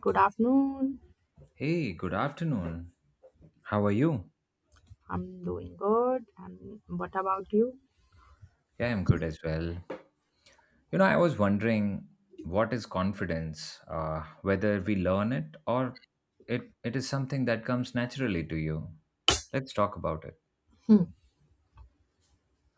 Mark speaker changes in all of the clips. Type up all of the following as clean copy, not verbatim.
Speaker 1: Good afternoon.
Speaker 2: Hey, good afternoon. How are you?
Speaker 1: I'm doing good. And what about you?
Speaker 2: Yeah, I'm good as well. You know, I was wondering what is confidence, whether we learn it or it is something that comes naturally to you. Let's talk about it.
Speaker 1: Hmm.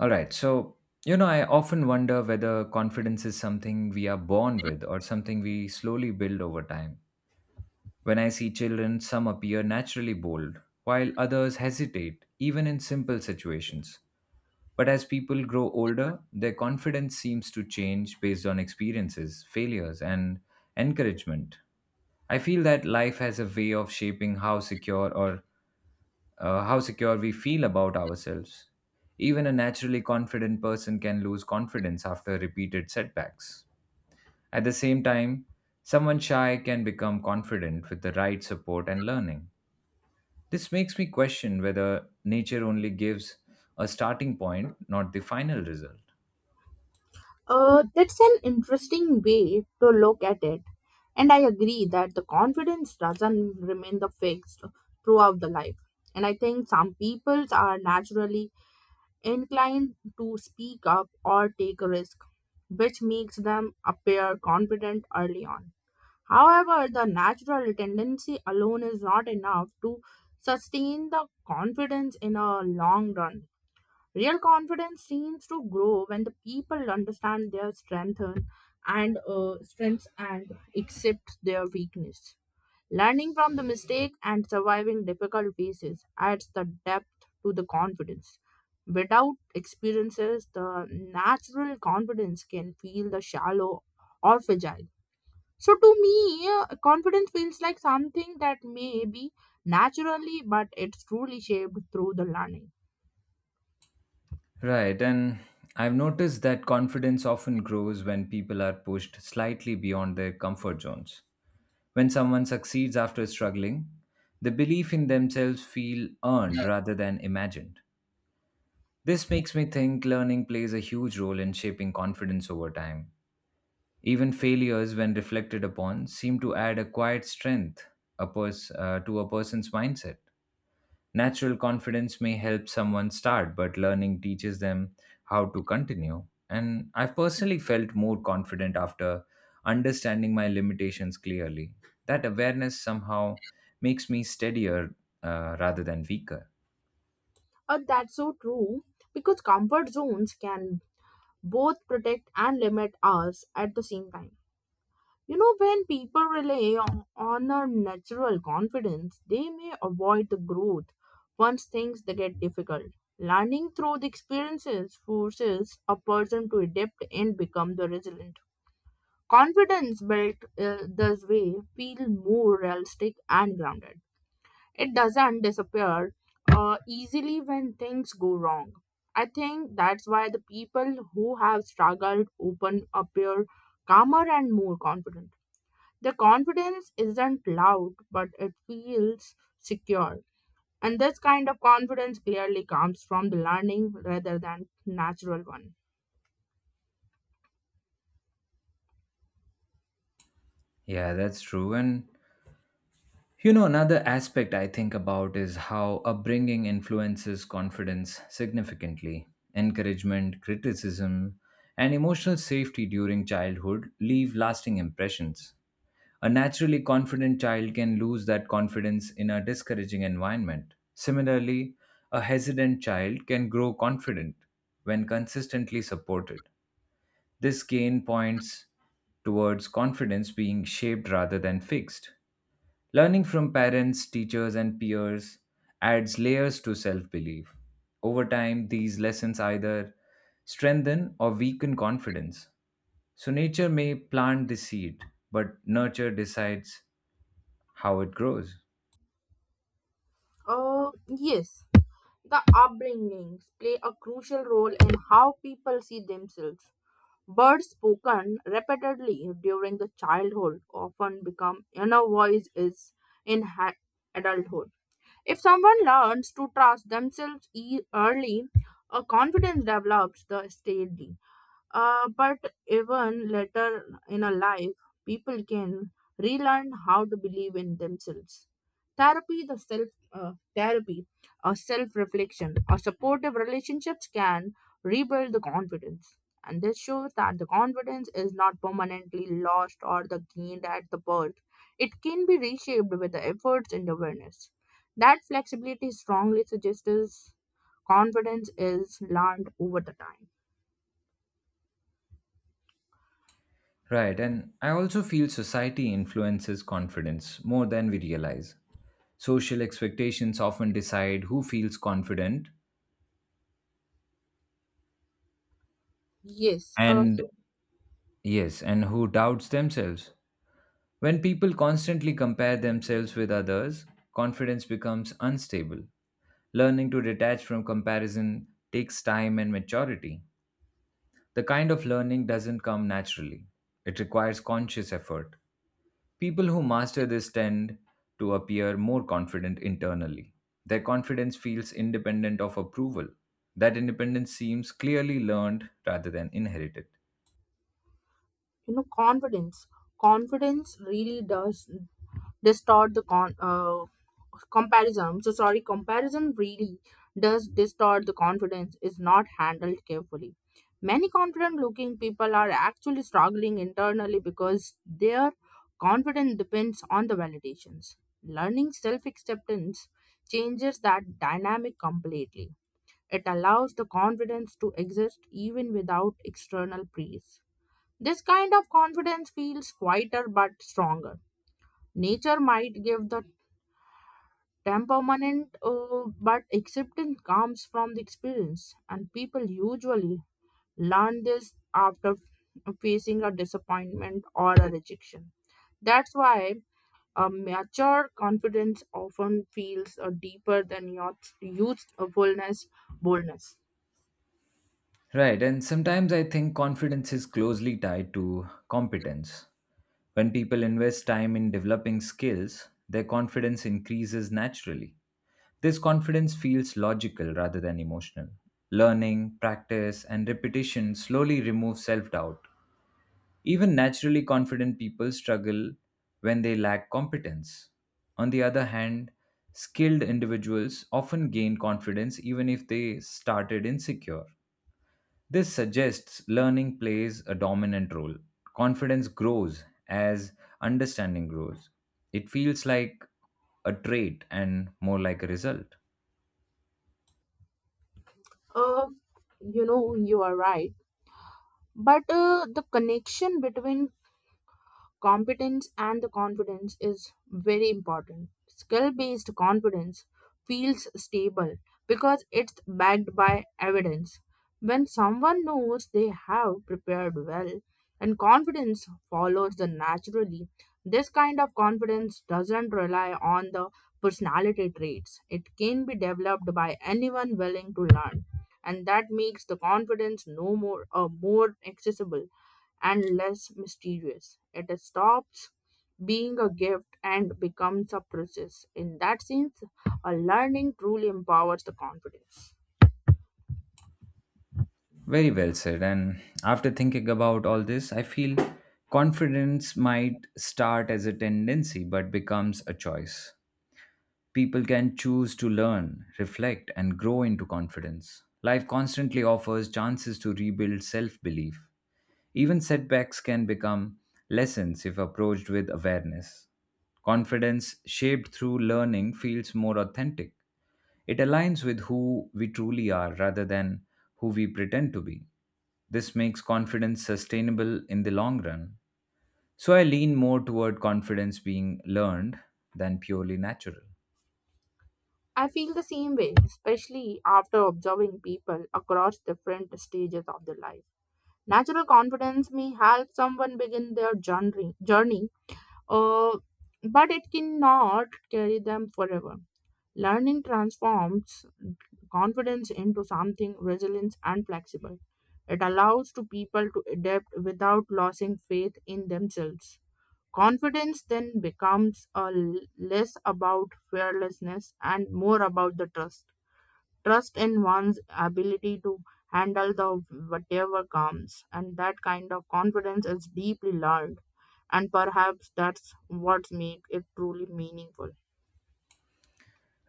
Speaker 2: All right. So, you know, I often wonder whether confidence is something we are born with or something we slowly build over time. When I see children, some appear naturally bold, while others hesitate, even in simple situations. But as people grow older, their confidence seems to change based on experiences, failures, and encouragement. I feel that life has a way of shaping how secure or how secure we feel about ourselves. Even a naturally confident person can lose confidence after repeated setbacks. At the same time, someone shy can become confident with the right support and learning. This makes me question whether nature only gives a starting point, not the final result.
Speaker 1: That's an interesting way to look at it. And I agree that the confidence doesn't remain the fixed throughout the life. And I think some peoples are naturally inclined to speak up or take a risk, which makes them appear confident early on. However, the natural tendency alone is not enough to sustain the confidence in a long run. Real confidence seems to grow when the people understand their strength and strengths and accept their weakness. Learning from the mistake and surviving difficult phases adds the depth to the confidence. Without experiences, the natural confidence can feel the shallow or fragile. So to me, confidence feels like something that may be naturally, but it's truly shaped through the learning.
Speaker 2: Right, and I've noticed that confidence often grows when people are pushed slightly beyond their comfort zones. When someone succeeds after struggling, the belief in themselves feel earned rather than imagined. This makes me think learning plays a huge role in shaping confidence over time. Even failures, when reflected upon, seem to add a quiet strength to a person's mindset. Natural confidence may help someone start, but learning teaches them how to continue. And I've personally felt more confident after understanding my limitations clearly. That awareness somehow makes me steadier rather than weaker.
Speaker 1: That's so true because comfort zones can both protect and limit us at the same time. You know, when people rely on a natural confidence, they may avoid the growth once things they get difficult. Learning through the experiences forces a person to adapt and become the resilient. Confidence built this way feel more realistic and grounded. It doesn't disappear easily when things go wrong. I think that's why the people who have struggled open appear calmer and more confident. The confidence isn't loud, but it feels secure. And this kind of confidence clearly comes from the learning rather than natural one.
Speaker 2: Yeah, that's true. And you know, another aspect I think about is how upbringing influences confidence significantly. Encouragement, criticism, and emotional safety during childhood leave lasting impressions. A naturally confident child can lose that confidence in a discouraging environment. Similarly, a hesitant child can grow confident when consistently supported. This gain points towards confidence being shaped rather than fixed. Learning from parents, teachers, and peers adds layers to self belief. Over time, these lessons either strengthen or weaken confidence. So, nature may plant the seed, but nurture decides how it grows.
Speaker 1: Yes, the upbringings play a crucial role in how people see themselves. Words spoken repeatedly during the childhood often become inner voices in ha- adulthood. If someone learns to trust themselves early, a confidence develops the steadily. But even later in a life, people can relearn how to believe in themselves. Therapy, therapy, or self reflection, or supportive relationships can rebuild the confidence. And this shows that the confidence is not permanently lost or the gained at the birth. It can be reshaped with the efforts and awareness. That flexibility strongly suggests confidence is learned over the time.
Speaker 2: Right, and I also feel society influences confidence more than we realize. Social expectations often decide who feels confident
Speaker 1: Yes,
Speaker 2: and yes, and who doubts themselves. When people constantly compare themselves with others, confidence becomes unstable. Learning to detach from comparison takes time and maturity. The kind of learning doesn't come naturally, it requires conscious effort. People who master this tend to appear more confident internally. Their confidence feels independent of approval. That independence seems clearly learned rather than inherited.
Speaker 1: you know, confidence really does distort the con comparison, I'm so sorry, comparison really does distort the confidence is not handled carefully, many confident looking people are actually struggling internally because their confidence depends on the validations, learning self acceptance changes that dynamic completely, it allows the confidence to exist even without external praise, this kind of confidence feels quieter but stronger. Nature might give the temperament, but acceptance comes from the experience, and people usually learn this after facing a disappointment or a rejection. That's why a mature confidence often feels deeper than your youthfulness, boldness.
Speaker 2: Right, and sometimes I think confidence is closely tied to competence. When people invest time in developing skills, their confidence increases naturally. This confidence feels logical rather than emotional. Learning, practice, and repetition slowly remove self doubt. Even naturally confident people struggle when they lack competence. On the other hand, skilled individuals often gain confidence even if they started insecure. This suggests learning plays a dominant role. Confidence grows as understanding grows. It feels like a trait and more like a result.
Speaker 1: Uh, you know, you are right. But the connection between competence and the confidence is very important. Skill based confidence feels stable because it's backed by evidence. When someone knows they have prepared well and confidence follows the naturally, this kind of confidence doesn't rely on the personality traits. It can be developed by anyone willing to learn and that makes the confidence no more more accessible and less mysterious. It stops being a gift and becomes a process. In that sense, a learning truly empowers the confidence.
Speaker 2: Very well said. And after thinking about all this, I feel confidence might start as a tendency but becomes a choice. People can choose to learn, reflect, and grow into confidence. Life constantly offers chances to rebuild self belief. Even setbacks can become lessons if approached with awareness. Confidence shaped through learning feels more authentic. It aligns with who we truly are rather than who we pretend to be. This makes confidence sustainable in the long run. So I lean more toward confidence being learned than purely natural.
Speaker 1: I feel the same way, especially after observing people across different stages of their life. Natural confidence may help someone begin their journey uh, but it cannot carry them forever. Learning transforms confidence into something resilient and flexible. It allows to people to adapt without losing faith in themselves. Confidence then becomes less about fearlessness and more about the trust. Trust in one's ability to handle the whatever comes and that kind of confidence is deeply learned and perhaps that's what makes it truly meaningful.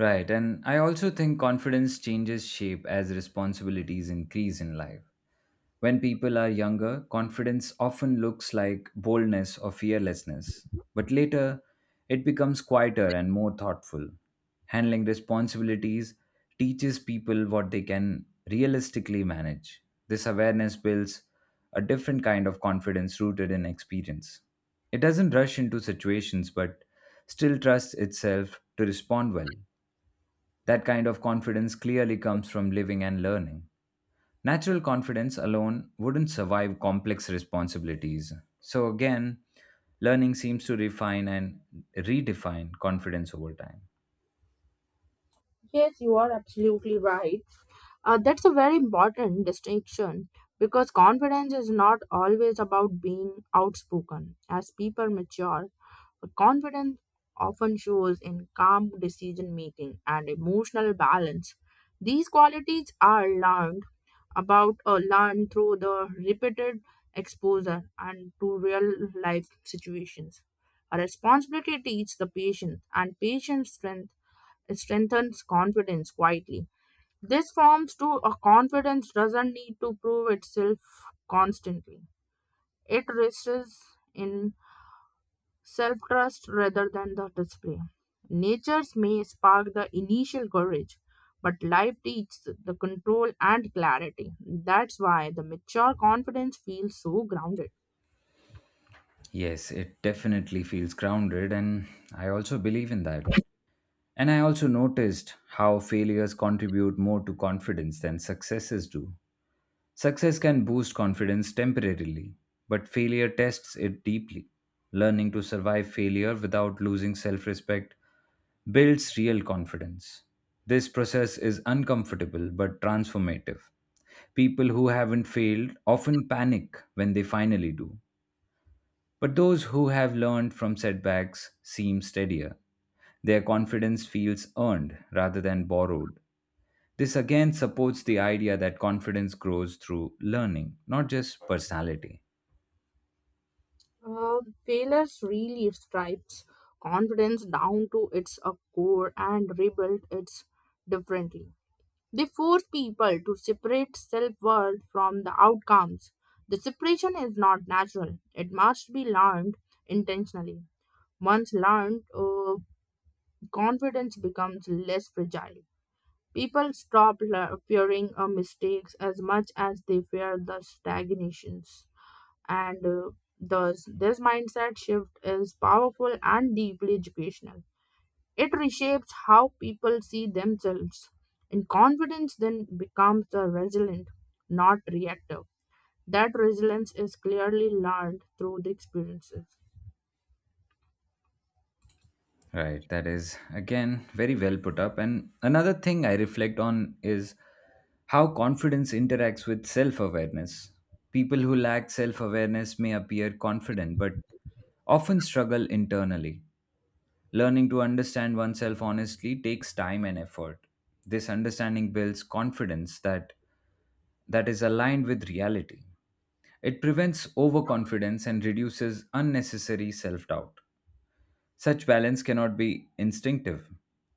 Speaker 2: Right, and I also think confidence changes shape as responsibilities increase in life. When people are younger, confidence often looks like boldness or fearlessness, but later it becomes quieter and more thoughtful. Handling responsibilities teaches people what they can realistically manage. This awareness builds a different kind of confidence rooted in experience. It doesn't rush into situations but still trusts itself to respond well. That kind of confidence clearly comes from living and learning. Natural confidence alone wouldn't survive complex responsibilities. So, again, learning seems to refine and redefine confidence over time.
Speaker 1: Yes, you are absolutely right. That's a very important distinction because confidence is not always about being outspoken. As people mature, confidence often shows in calm decision making and emotional balance. These qualities are learned about or learned through the repeated exposure and to real life situations. A responsibility teaches the patience, and patience strengthens confidence quietly. This forms to a confidence doesn't need to prove itself constantly. It rests in self trust rather than the display. Natures may spark the initial courage, but life teaches the control and clarity. That's why the mature confidence feels so grounded.
Speaker 2: Yes, it definitely feels grounded, and I also believe in that. And I also noticed how failures contribute more to confidence than successes do. Success can boost confidence temporarily, but failure tests it deeply. Learning to survive failure without losing self respect builds real confidence. This process is uncomfortable but transformative. People who haven't failed often panic when they finally do. But those who have learned from setbacks seem steadier. Their confidence feels earned rather than borrowed. This again supports the idea that confidence grows through learning, not just personality.
Speaker 1: Uh, Failures really stripes confidence down to its core and rebuild it differently. They force people to separate self worth from the outcomes. The separation is not natural, it must be learned intentionally. Once learned, confidence becomes less fragile. People stop fearing mistakes as much as they fear the stagnations. And thus, this mindset shift is powerful and deeply educational. It reshapes how people see themselves. And confidence then becomes the resilient, not reactive. That resilience is clearly learned through the experiences.
Speaker 2: Right, that is again very well put up. And another thing I reflect on is how confidence interacts with self awareness. People who lack self awareness may appear confident, but often struggle internally. Learning to understand oneself honestly takes time and effort. This understanding builds confidence that is aligned with reality. It prevents overconfidence and reduces unnecessary self doubt. Such balance cannot be instinctive,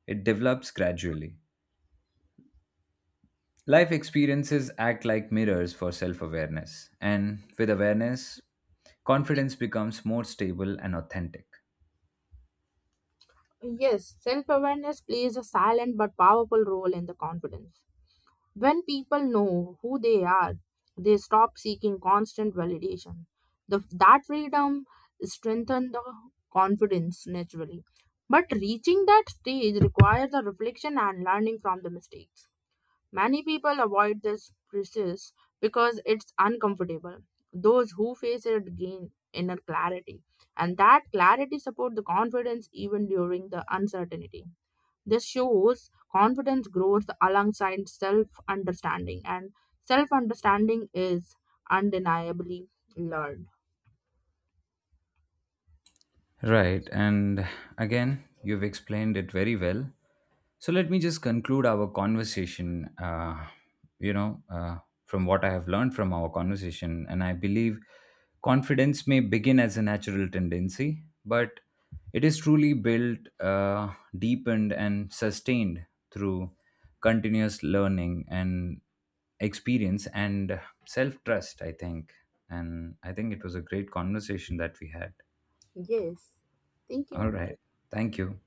Speaker 2: it develops gradually. Life experiences act like mirrors for self awareness, and with awareness, confidence becomes more stable and authentic.
Speaker 1: Yes, self awareness plays a silent but powerful role in the confidence. When people know who they are, they stop seeking constant validation. That freedom strengthens the confidence naturally. But reaching that stage requires a reflection and learning from the mistakes. Many people avoid this process because it's uncomfortable. Those who face it gain inner clarity, and that clarity supports the confidence even during the uncertainty. This shows confidence grows alongside self understanding, and self understanding is undeniably learned.
Speaker 2: Right, and again, you've explained it very well. So let me just conclude our conversation, you know, uh, from what I have learned from our conversation. And I believe confidence may begin as a natural tendency, but it is truly built, deepened, and sustained through continuous learning and experience and self trust, I think. And I think it was a great conversation that we had.
Speaker 1: Yes, thank
Speaker 2: All
Speaker 1: you.
Speaker 2: right. Thank you.